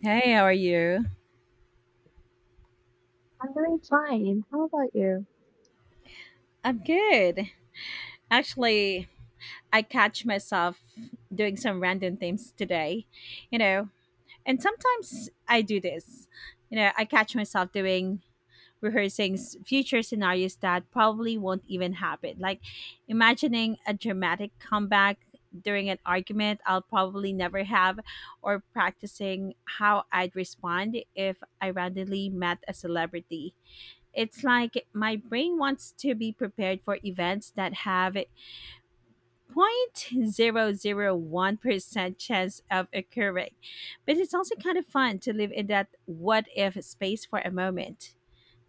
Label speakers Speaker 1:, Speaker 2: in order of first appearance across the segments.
Speaker 1: Hey, how are you?
Speaker 2: I'm doing fine. How about you?
Speaker 1: I'm good. Actually, I catch myself doing some random things today, you know, and sometimes I do this. I catch myself doing rehearsing future scenarios that probably won't even happen. Like imagining a dramatic comeback during an argument I'll probably never have, or practicing how I'd respond if I randomly met a celebrity. It's like my brain wants to be prepared for events that have 0.001% chance of occurring. But it's also kind of fun to live in that what if space for a moment.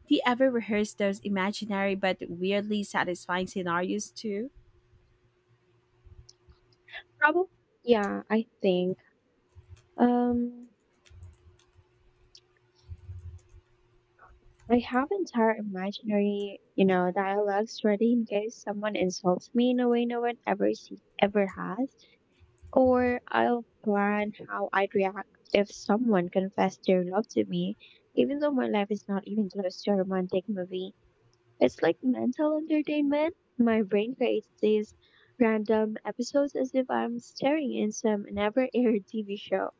Speaker 1: Do you ever rehearse those imaginary but weirdly satisfying scenarios too?
Speaker 2: Probably, yeah, I think. Um, I have entire imaginary, dialogues ready in case someone insults me in a way no one ever has, or I'll plan how I'd react if someone confessed their love to me, even though my life is not even close to a romantic movie. It's like mental entertainment. My brain creates these random episodes as if I'm staring in some never aired TV show.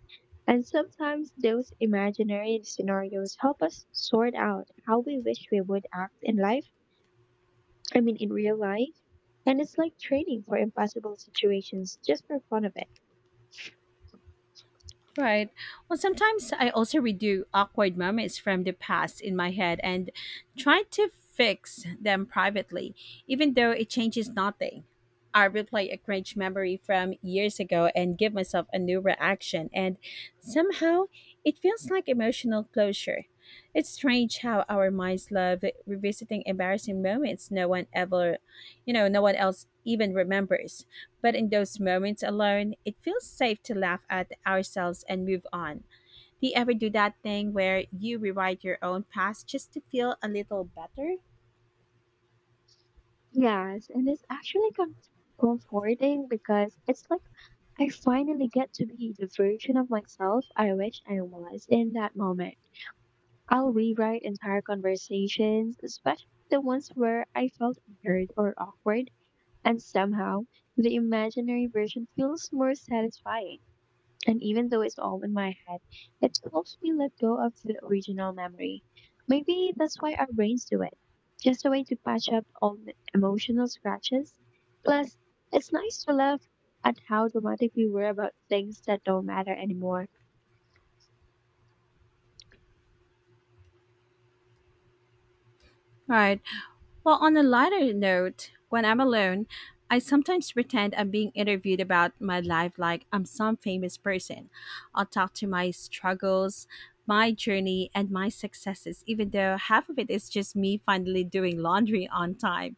Speaker 2: And sometimes those imaginary scenarios help us sort out how we wish we would act in life, I mean, in real life. And it's like training for impossible situations just for fun of it.
Speaker 1: Right. Well, sometimes I also redo awkward moments from the past in my head and try to fix them privately, even though it changes nothing. I replay a cringe memory from years ago and give myself a new reaction, and somehow it feels like emotional closure. It's strange how our minds love revisiting embarrassing moments no one ever, you know, no one else even remembers. But in those moments alone, it feels safe to laugh at ourselves and move on. Do you ever do that thing where you rewrite your own past just to feel a little better?
Speaker 2: Yes, and it's actually comforting because it's like I finally get to be the version of myself I wish I was in that moment. I'll rewrite entire conversations, especially the ones where I felt unheard or awkward. And somehow, the imaginary version feels more satisfying. And even though it's all in my head, it helps me let go of the original memory. Maybe that's why our brains do it. Just a way to patch up all the emotional scratches. Plus, it's nice to laugh at how dramatic we were about things that don't matter anymore.
Speaker 1: Right. Well, on a lighter note, when I'm alone, I sometimes pretend I'm being interviewed about my life like I'm some famous person. I'll talk to my struggles, my journey, and my successes, even though half of it is just me finally doing laundry on time.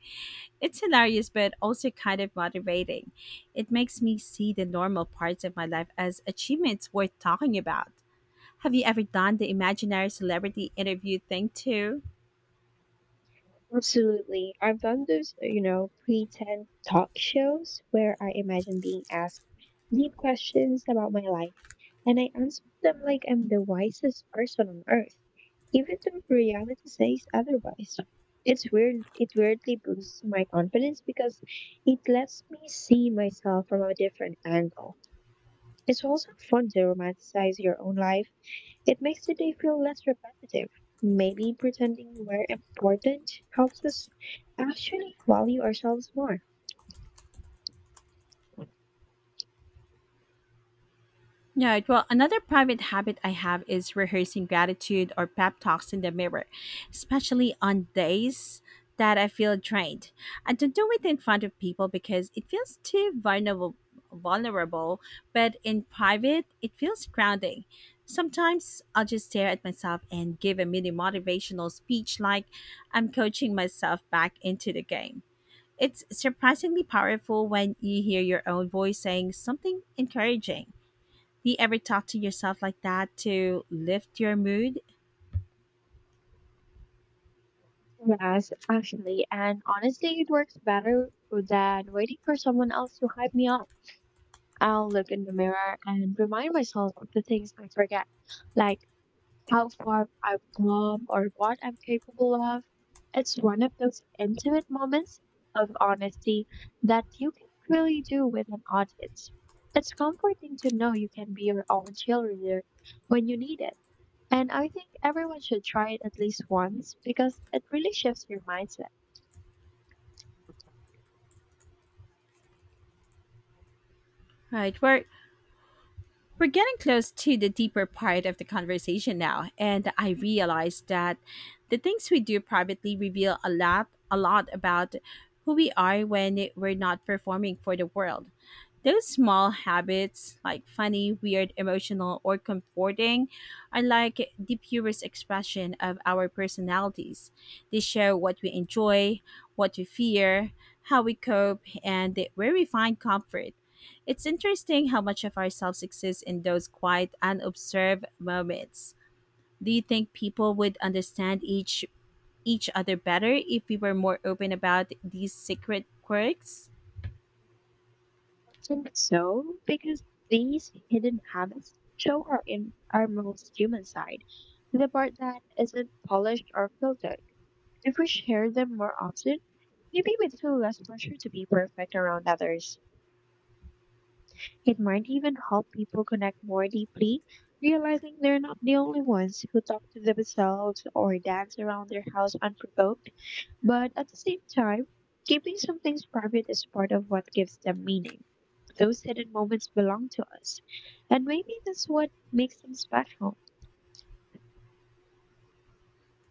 Speaker 1: It's hilarious, but also kind of motivating. It makes me see the normal parts of my life as achievements worth talking about. Have you ever done the imaginary celebrity interview thing too?
Speaker 2: Absolutely. I've done those, pretend talk shows where I imagine being asked deep questions about my life and I answer them like I'm the wisest person on earth, even though reality says otherwise. It's weird. It weirdly boosts my confidence because it lets me see myself from a different angle. It's also fun to romanticize your own life. It makes the day feel less repetitive. Maybe pretending we're important helps us actually value ourselves more.
Speaker 1: Yeah, well, another private habit I have is rehearsing gratitude or pep talks in the mirror, especially on days that I feel drained. I don't do it in front of people because it feels too vulnerable, but in private, it feels grounding. Sometimes I'll just stare at myself and give a mini motivational speech like I'm coaching myself back into the game. It's surprisingly powerful when you hear your own voice saying something encouraging. Do you ever talk to yourself like that to lift your mood?
Speaker 2: Yes, actually, and honestly, it works better than waiting for someone else to hype me up. I'll look in the mirror and remind myself of the things I forget, like how far I've come or what I'm capable of. It's one of those intimate moments of honesty that you can really do with an audience. It's comforting to know you can be your own cheerleader when you need it. And I think everyone should try it at least once because it really shifts your mindset.
Speaker 1: Right, where We're getting close to the deeper part of the conversation now, and I realized that the things we do privately reveal a lot about who we are when we're not performing for the world. Those small habits, like funny, weird, emotional, or comforting, are like the purest expression of our personalities. They show what we enjoy, what we fear, how we cope, and where we find comfort. It's interesting how much of ourselves exists in those quiet, unobserved moments. Do you think people would understand each other better if we were more open about these secret quirks?
Speaker 2: I think so because these hidden habits show our in our most human side, the part that isn't polished or filtered. If we share them more often, maybe we'd feel less pressure to be perfect around others. It might even help people connect more deeply, realizing they're not the only ones who talk to themselves or dance around their house unprovoked. But at the same time, keeping some things private is part of what gives them meaning. Those hidden moments belong to us, and maybe that's what makes them special.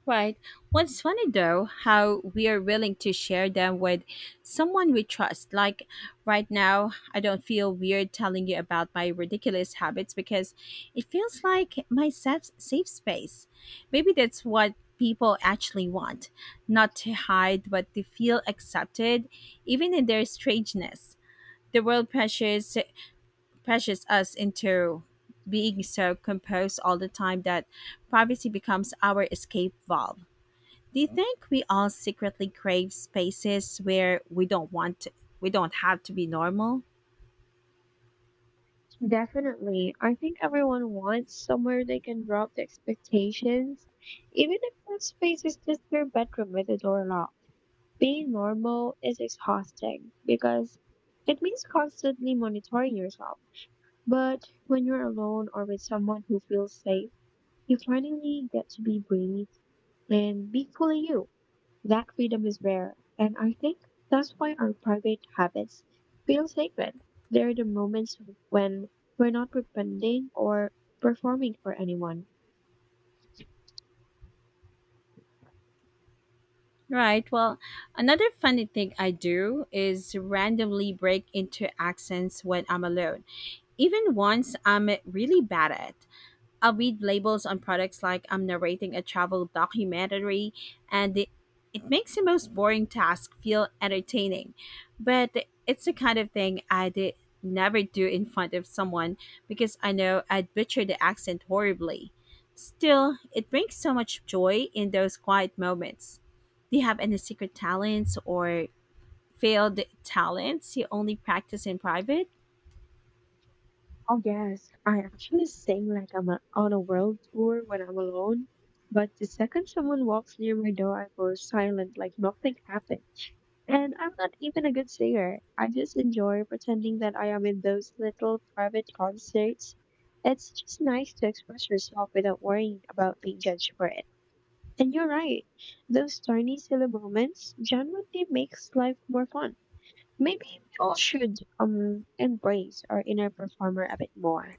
Speaker 1: Right. What's funny though, how we are willing to share them with someone we trust. Like right now, I don't feel weird telling you about my ridiculous habits because it feels like my safe space. Maybe that's what people actually want not to hide, but to feel accepted, even in their strangeness. The world pressures us into being so composed all the time that privacy becomes our escape valve. Do you think we all secretly crave spaces where we don't have to be normal?
Speaker 2: Definitely. I think everyone wants somewhere they can drop the expectations, even if that space is just their bedroom with a door locked. Being normal is exhausting because it means constantly monitoring yourself. But when you're alone or with someone who feels safe, you finally get to be breathe and be fully you. That freedom is rare, and I think that's why our private habits feel sacred. They're the moments when we're not pretending or performing for anyone.
Speaker 1: Right. Well, another funny thing I do is randomly break into accents when I'm alone, even ones I'm really bad at. I read labels on products like I'm narrating a travel documentary, and it makes the most boring task feel entertaining. But it's the kind of thing I'd never do in front of someone because I know I'd butcher the accent horribly. Still, it brings so much joy in those quiet moments. Do you have any secret talents or failed talents you only practice in private?
Speaker 2: Oh yes, I actually sing like I'm a, on a world tour when I'm alone, but the second someone walks near my door, I go silent like nothing happened. And I'm not even a good singer. I just enjoy pretending that I am in those little private concerts. It's just nice to express yourself without worrying about being judged for it. And you're right. Those tiny silly moments genuinely makes life more fun. Maybe we all should embrace our inner performer a bit more.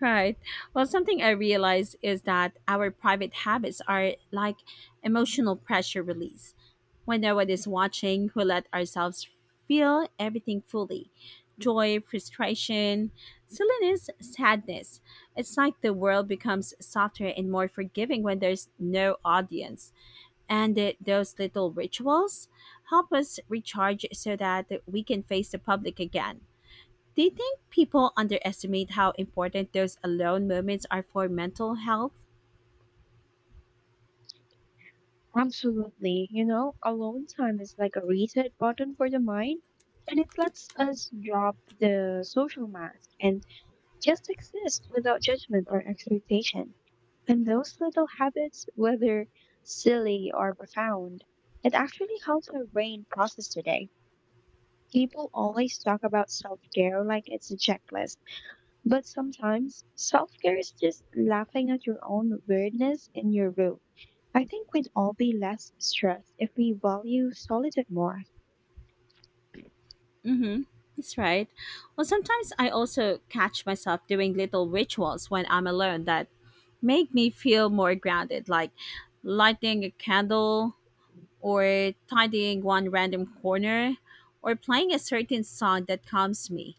Speaker 1: Right. Well, something I realize is that our private habits are like emotional pressure release. When no one is watching, we let ourselves feel everything fully: joy, frustration, silliness, sadness. It's like the world becomes softer and more forgiving when there's no audience. And those little rituals help us recharge so that we can face the public again. Do you think people underestimate how important those alone moments are for mental health?
Speaker 2: Absolutely. You know, alone time is like a reset button for the mind and it lets us drop the social mask and just exist without judgment or expectation. And those little habits, whether silly or profound, it actually helps our brain process today. People always talk about self care like it's a checklist, but sometimes self care is just laughing at your own weirdness in your room. I think we'd all be less stressed if we value solitude more.
Speaker 1: Mm-hmm. That's right. Well, sometimes I also catch myself doing little rituals when I'm alone that make me feel more grounded, like lighting a candle or tidying one random corner or playing a certain song that calms me.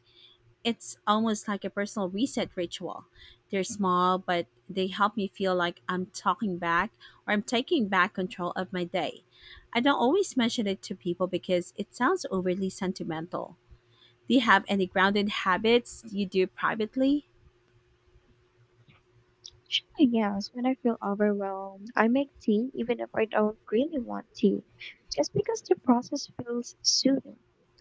Speaker 1: It's almost like a personal reset ritual. They're small, but they help me feel like I'm talking back or I'm taking back control of my day. I don't always mention it to people because it sounds overly sentimental. Do you have any grounded habits you do privately?
Speaker 2: Actually, yes, when I feel overwhelmed, I make tea even if I don't really want tea, just because the process feels soothing.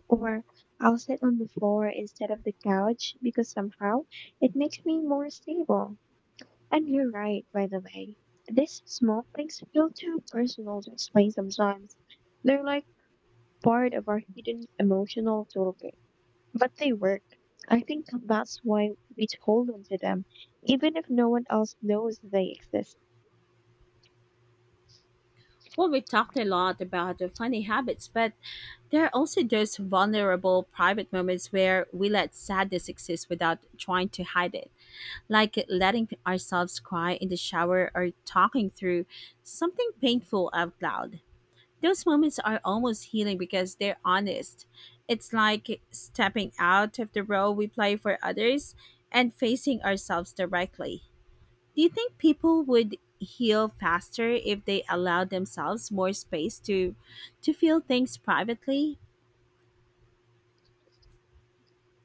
Speaker 2: Or I'll sit on the floor instead of the couch because somehow it makes me more stable. And you're right, by the way. These small things feel too personal to explain sometimes. They're like part of our hidden emotional toolkit, but they work. I think that's why we hold on to them, even if no one else knows they exist.
Speaker 1: Well, we talked a lot about the funny habits, but there are also those vulnerable private moments where we let sadness exist without trying to hide it, like letting ourselves cry in the shower or talking through something painful out loud. Those moments are almost healing because they're honest. It's like stepping out of the role we play for others and facing ourselves directly. Do you think people would heal faster if they allowed themselves more space to feel things privately?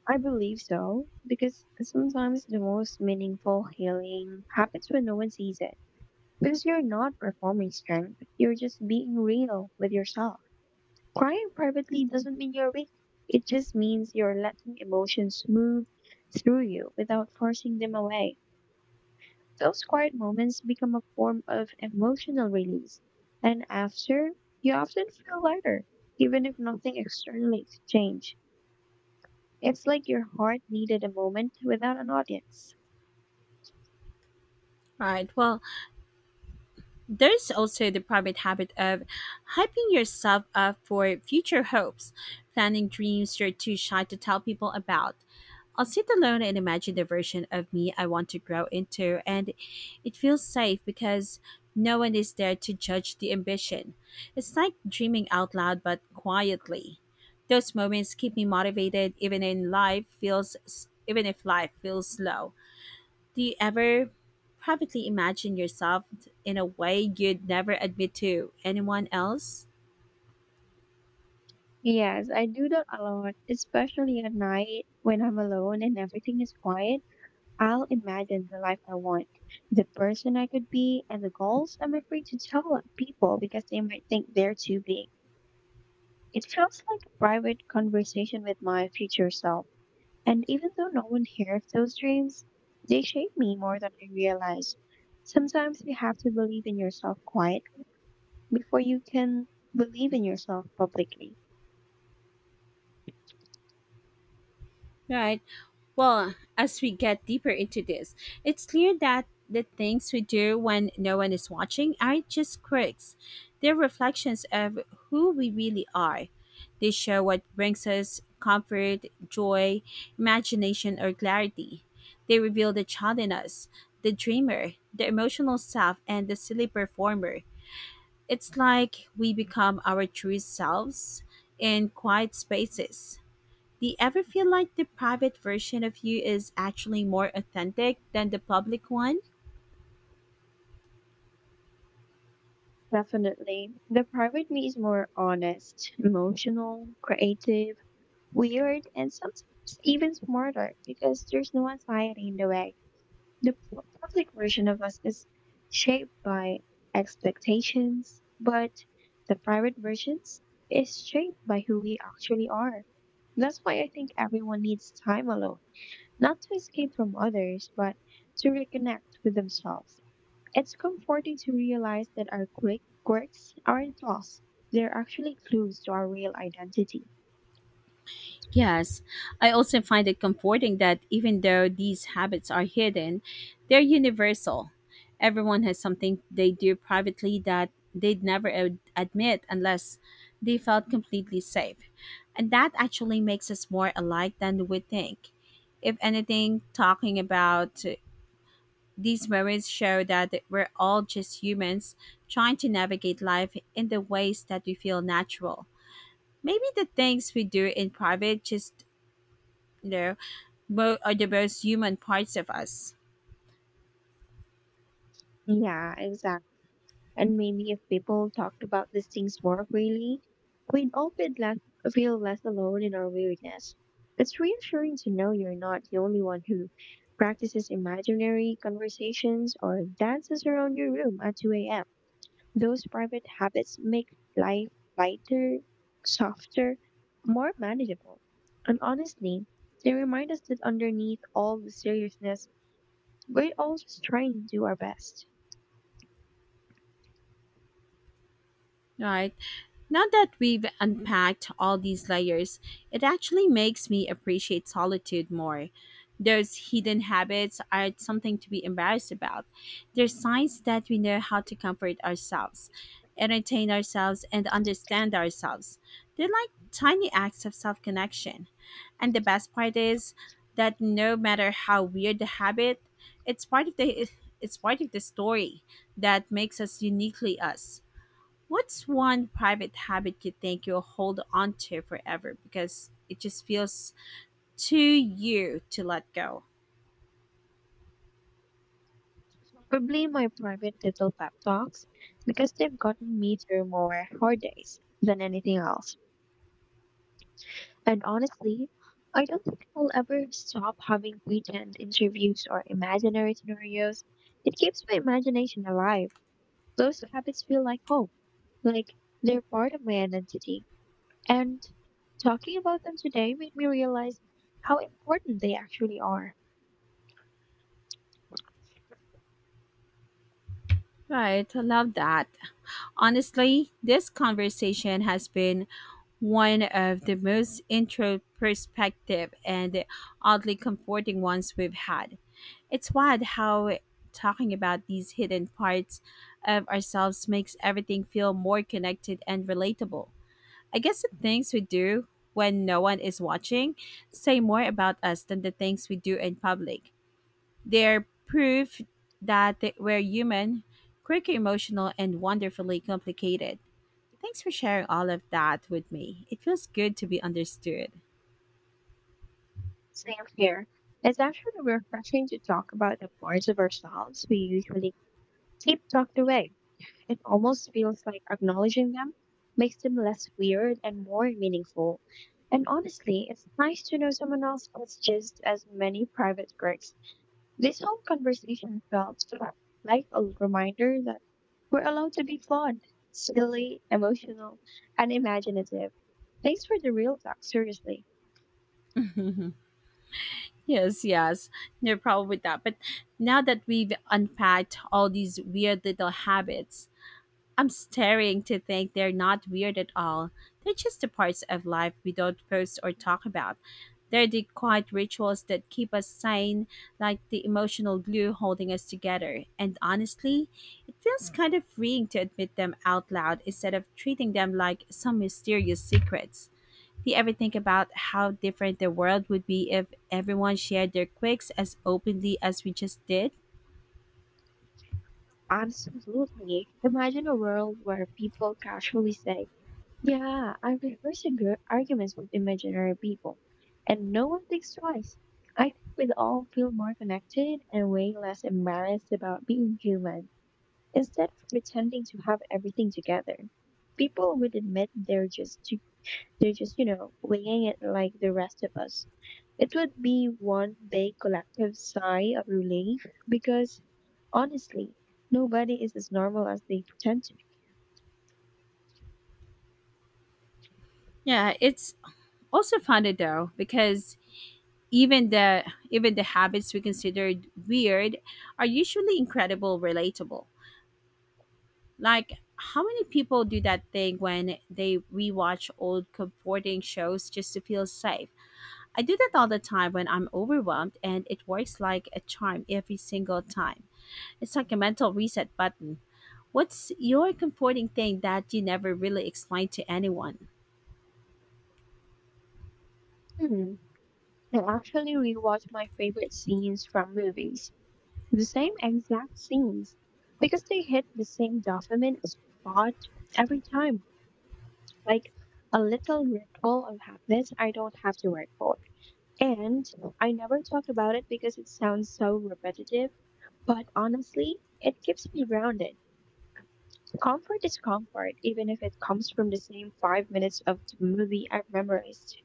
Speaker 2: I believe so, because sometimes the most meaningful healing happens when no one sees it. Because you're not performing strength, you're just being real with yourself. Crying privately doesn't mean you're weak, it just means you're letting emotions move through you without forcing them away. Those quiet moments become a form of emotional release, and after, you often feel lighter, even if nothing externally changed. It's like your heart needed a moment without an audience.
Speaker 1: All right. Well, there's also the private habit of hyping yourself up for future hopes, planning dreams you're too shy to tell people about. I'll sit alone and imagine the version of me I want to grow into, and it feels safe because no one is there to judge the ambition. It's like dreaming out loud but quietly. Those moments keep me motivated even if life feels slow. Do you ever privately imagine yourself in a way you'd never admit to anyone else?
Speaker 2: Yes, I do that a lot, especially at night when I'm alone and everything is quiet. I'll imagine the life I want, the person I could be, and the goals I'm afraid to tell people because they might think they're too big. It feels like a private conversation with my future self. And even though no one hears those dreams, they shape me more than I realize. Sometimes you have to believe in yourself quietly before you can believe in yourself publicly.
Speaker 1: Right. Well, as we get deeper into this, it's clear that the things we do when no one is watching aren't just quirks. They're reflections of who we really are. They show what brings us comfort, joy, imagination, or clarity. They reveal the child in us, the dreamer, the emotional self, and the silly performer. It's like we become our true selves in quiet spaces. Do you ever feel like the private version of you is actually more authentic than the public one?
Speaker 2: Definitely. The private me is more honest, emotional, creative, weird, and sometimes even smarter because there's no anxiety in the way. The public version of us is shaped by expectations, but the private versions is shaped by who we actually are. That's why I think everyone needs time alone, not to escape from others, but to reconnect with themselves. It's comforting to realize that our quick quirks aren't flaws. They're actually clues to our real identity.
Speaker 1: Yes, I also find it comforting that even though these habits are hidden, they're universal. Everyone has something they do privately that they'd never admit unless they felt completely safe. And that actually makes us more alike than we think. If anything, talking about these moments show that we're all just humans trying to navigate life in the ways that we feel natural. Maybe the things we do in private just, you know, both are the most human parts of us,
Speaker 2: Yeah, exactly. And maybe if people talked about these things more freely, we'd all feel less alone in our weirdness. It's reassuring to know you're not the only one who practices imaginary conversations or dances around your room at 2 a.m. Those private habits make life lighter, softer, more manageable. And honestly, they remind us that underneath all the seriousness, we're all just trying to do our best.
Speaker 1: right? Now that we've unpacked all these layers, it actually makes me appreciate solitude more. Those hidden habits are something to be embarrassed about. They're signs that we know how to comfort ourselves, entertain ourselves, and understand ourselves. They're like tiny acts of self connection. And the best part is that no matter how weird the habit, it's part of the it's part of the story that makes us uniquely us. What's one private habit you think you'll hold on to forever because it just feels too you to let go?
Speaker 2: Probably my private little pep talks because they've gotten me through more hard days than anything else. And honestly, I don't think I'll ever stop having pretend interviews or imaginary scenarios. It keeps my imagination alive. Those habits feel like home. Like they're part of my identity. And talking about them today made me realize how important they actually are.
Speaker 1: Right, I love that. Honestly, this conversation has been one of the most introspective and oddly comforting ones we've had. It's wild how talking about these hidden parts of ourselves makes everything feel more connected and relatable. I guess the things we do when no one is watching say more about us than the things we do in public. They're proof that we're human, quirky, emotional, and wonderfully complicated. Thanks for sharing all of that with me. It feels good to be understood.
Speaker 2: Same here. It's actually refreshing to talk about the parts of ourselves we usually keep tucked away. It almost feels like acknowledging them makes them less weird and more meaningful. And honestly, it's nice to know someone else has just as many private quirks. This whole conversation felt like a reminder that we're allowed to be flawed, silly, emotional, and imaginative. Thanks for the real talk, seriously.
Speaker 1: Yes, yes, no problem with that. But now that we've unpacked all these weird little habits, I'm staring to think they're not weird at all. They're just the parts of life we don't post or talk about. They're the quiet rituals that keep us sane, like the emotional glue holding us together. And honestly, it feels kind of freeing to admit them out loud instead of treating them like some mysterious secrets. Do you ever think about how different the world would be if everyone shared their quirks as openly as we just did?
Speaker 2: Absolutely. Imagine a world where people casually say, yeah, I rehearse arguments with imaginary people, and no one thinks twice. I think we'd all feel more connected and way less embarrassed about being human. Instead of pretending to have everything together, people would admit they're just, you know, winging it like the rest of us. It would be one big collective sigh of relief because honestly, nobody is as normal as they pretend to
Speaker 1: Yeah, it's also funny though because even the even the habits we considered weird are usually incredible relatable. Like how many people do that thing when they rewatch old comforting shows just to feel safe? I do that all the time when I'm overwhelmed, and it works like a charm every single time. It's like a mental reset button. What's your comforting thing that you never really explained to anyone?
Speaker 2: be. Hmm. I actually rewatch my favorite scenes from movies, the same exact scenes, because they hit the same dopamine spot every time, like a little ritual of habits I don't have to work for. And I never talk about it because it sounds so repetitive, but honestly, it keeps me grounded. Comfort is comfort, even if it comes from the same 5 minutes of the movie I've memorized.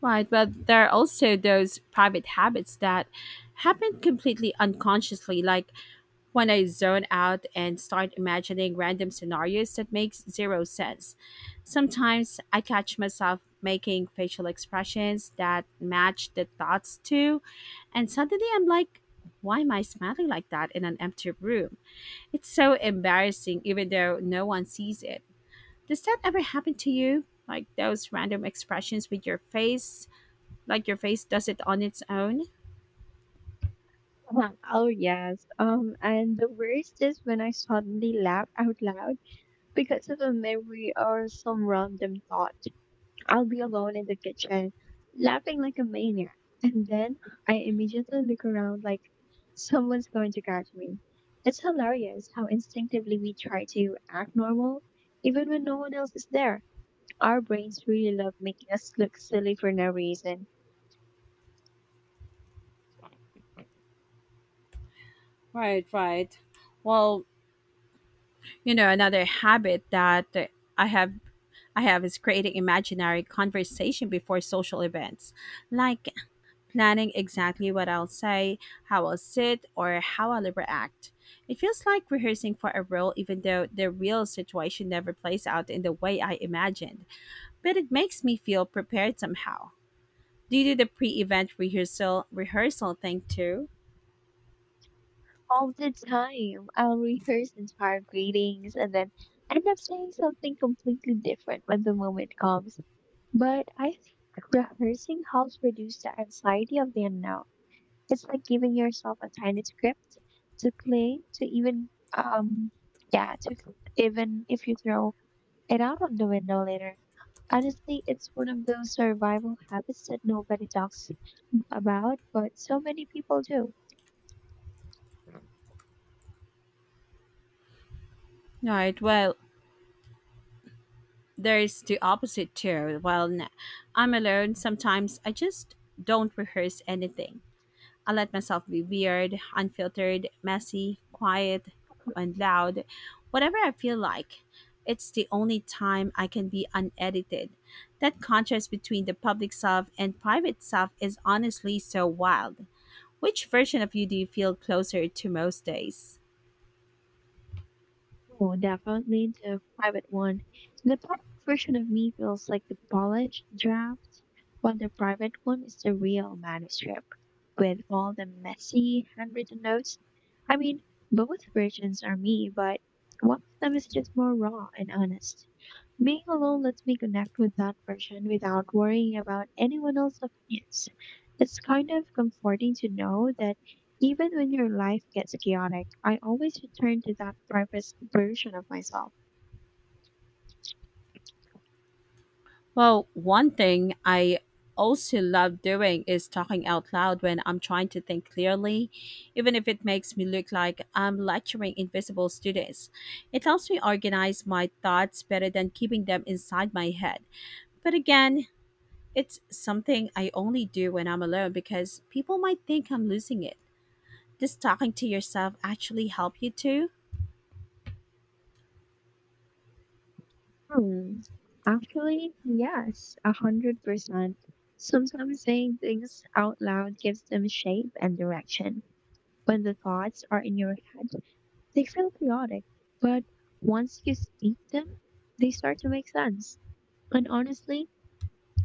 Speaker 1: Right, but there are also those private habits that happen completely unconsciously, like when I zone out and start imagining random scenarios that makes zero sense. Sometimes I catch myself making facial expressions that match the thoughts too, and suddenly I'm like, why am I smiling like that in an empty room? It's so embarrassing even though no one sees it. Does that ever happen to you? Like those random expressions with your face, like your face does it on its own?
Speaker 2: Oh yes. And the worst is when I suddenly laugh out loud because of a memory or some random thought. I'll be alone in the kitchen, laughing like a maniac, and then I immediately look around like someone's going to catch me. It's hilarious how instinctively we try to act normal, even when no one else is there. Our brains really love making us look silly for no reason.
Speaker 1: Right, right. Well, you know another habit that i have I have is creating imaginary conversation before social events, like planning exactly what I'll say, how I'll sit, or how I'll react. It feels like rehearsing for a role even though the real situation never plays out in the way I imagined, but it makes me feel prepared somehow. Do you do the pre-event rehearsal thing too?
Speaker 2: All the time, I'll rehearse entire greetings and then end up saying something completely different when the moment comes. But I think rehearsing helps reduce the anxiety of the unknown. It's like giving yourself a tiny script to play, to even if you throw and out of the window later. Honestly, it's one of those survival habits that nobody talks about, but so many people do.
Speaker 1: Right. Well, there's the opposite too. I'm alone, sometimes I just don't rehearse anything. I let myself be weird, unfiltered, messy, quiet, and loud, whatever I feel like. It's the only time I can be unedited. That contrast between the public self and private self is honestly so wild. Which version of you do you feel closer to most days?
Speaker 2: Oh, definitely the private one. The public version of me feels like the polished draft, while the private one is the real manuscript with all the messy handwritten notes. I mean, both versions are me, but one of them is just more raw and honest. Being alone lets me connect with that version without worrying about anyone else's opinions. It's kind of comforting to know that even when your life gets chaotic, I always return to that private version of myself.
Speaker 1: Well, one thing I also love doing is talking out loud when I'm trying to think clearly, even if it makes me look like I'm lecturing invisible students. It helps me organize my thoughts better than keeping them inside my head. But again, it's something I only do when I'm alone because people might think I'm losing it. Does talking to yourself actually help you too?
Speaker 2: Hmm. Actually, yes, 100%. Sometimes saying things out loud gives them shape and direction. When the thoughts are in your head, they feel chaotic, but once you speak them, they start to make sense. And honestly,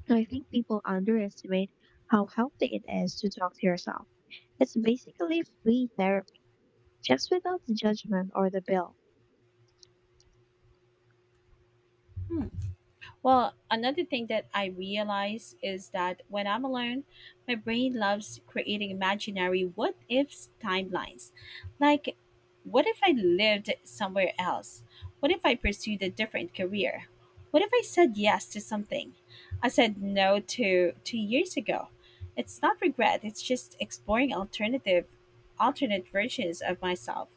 Speaker 2: I think people underestimate how healthy it is to talk to yourself. It's basically free therapy, just without the judgment or the bill.
Speaker 1: Hmm. Well, another thing that I realize is that when I'm alone, my brain loves creating imaginary what ifs timelines. Like, what if I lived somewhere else? What if I pursued a different career? What if I said yes to something I said no to 2 years ago? It's not regret, it's just exploring alternative alternate versions of myself.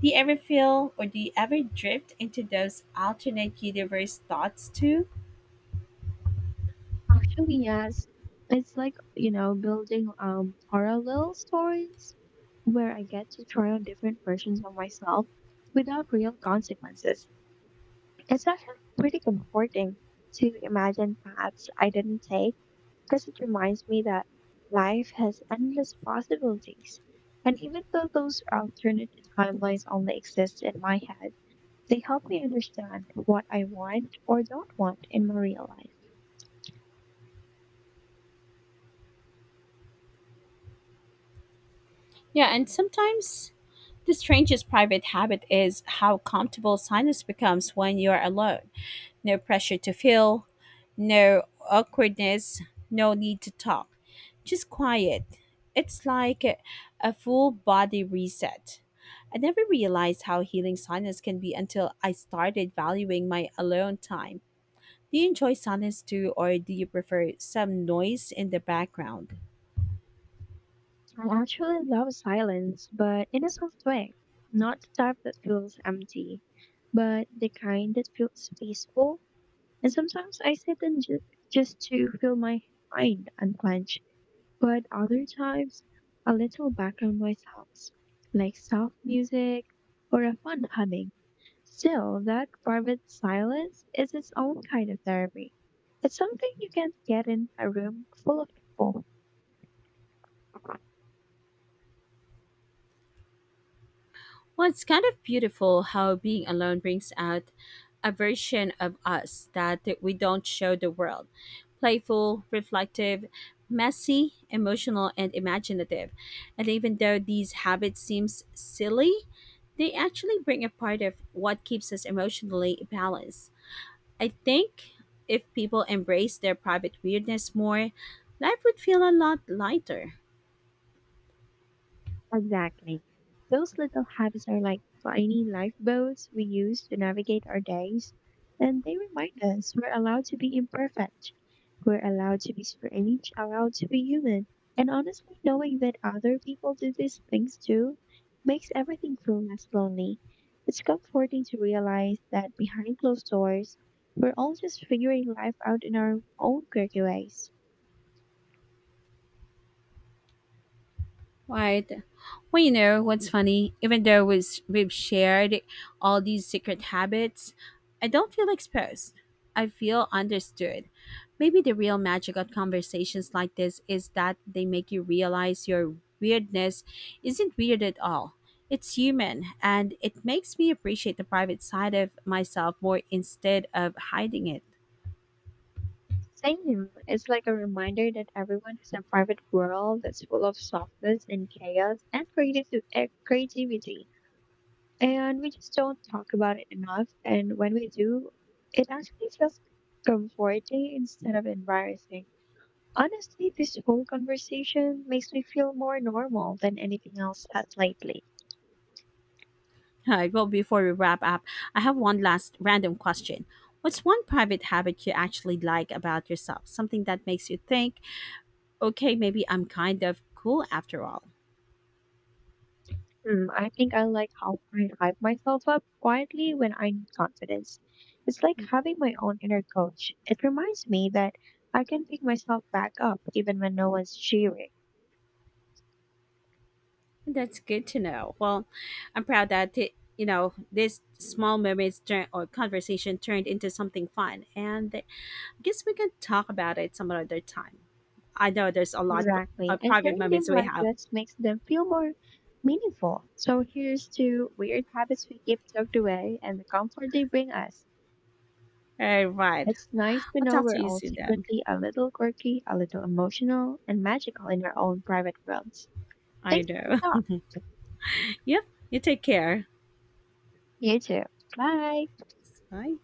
Speaker 1: Do you ever feel, or do you ever drift into those alternate universe thoughts too?
Speaker 2: Actually, yes. It's like, you know, building parallel stories where I get to try on different versions of myself without real consequences. It's actually pretty comforting to imagine paths I didn't take because it reminds me that life has endless possibilities. And even though those alternate timelines only exist in my head, they help me understand what I want or don't want in my real life.
Speaker 1: Yeah, and sometimes the strangest private habit is how comfortable silence becomes when you're alone. No pressure to feel, no awkwardness, no need to talk. Just quiet. It's like a full body reset. I never realized how healing silence can be until I started valuing my alone time. Do you enjoy silence too, or do you prefer some noise in the background?
Speaker 2: I actually love silence, but in a soft way. Not the type that feels empty, but the kind that feels peaceful. And sometimes I just to feel my mind unclench. But other times, a little background noise helps, like soft music or a fun humming. Still, that private silence is its own kind of therapy. It's something you can't get in a room full of people.
Speaker 1: Well, it's kind of beautiful how being alone brings out a version of us that we don't show the world. Playful, reflective, messy, emotional, and imaginative. And even though these habits seems silly, they actually bring a part of what keeps us emotionally balanced. I think if people embrace their private weirdness more, life would feel a lot lighter.
Speaker 2: Exactly. Those little habits are like tiny lifeboats we use to navigate our days, and they remind us we're allowed to be imperfect. We're allowed to be strange, allowed to be human. And honestly, knowing that other people do these things too makes everything feel less lonely. It's comforting to realize that behind closed doors, we're all just figuring life out in our own quirky ways.
Speaker 1: Right. Well, you know what's funny? Even though we've shared all these secret habits, I don't feel exposed. I feel understood. Maybe the real magic of conversations like this is that they make you realize your weirdness isn't weird at all. It's human, and it makes me appreciate the private side of myself more instead of hiding it.
Speaker 2: Same. It's like a reminder that everyone has a private world that's full of softness and chaos and creativity. And we just don't talk about it enough. And when we do, it actually feels comforting instead of embarrassing. Honestly, this whole conversation makes me feel more normal than anything else has lately.
Speaker 1: Hi, well, before we wrap up, I have one last random question. What's one private habit you actually like about yourself? Something that makes you think, okay, maybe I'm kind of cool after all.
Speaker 2: Hmm, I think I like how I hype myself up quietly when I need confidence. It's like having my own inner coach. It reminds me that I can pick myself back up even when no one's cheering.
Speaker 1: That's good to know. Well, I'm proud that it, you know, this small moments turn or conversation turned into something fun, and guess we can talk about it some other time. I know there's a lot
Speaker 2: Exactly.
Speaker 1: of
Speaker 2: And
Speaker 1: private
Speaker 2: hearing them
Speaker 1: moments we
Speaker 2: like
Speaker 1: have.
Speaker 2: this makes them feel more meaningful. So here's to weird habits we keep tucked away and the comfort they bring us.
Speaker 1: All right.
Speaker 2: It's nice to
Speaker 1: I'll
Speaker 2: know
Speaker 1: talk
Speaker 2: we're
Speaker 1: to you
Speaker 2: all
Speaker 1: soon then.
Speaker 2: secretly a little quirky, a little emotional, and magical in our own private worlds.
Speaker 1: I
Speaker 2: Thanks for the
Speaker 1: know.
Speaker 2: talk.
Speaker 1: Yep. You take care.
Speaker 2: You too. Bye.
Speaker 1: Bye.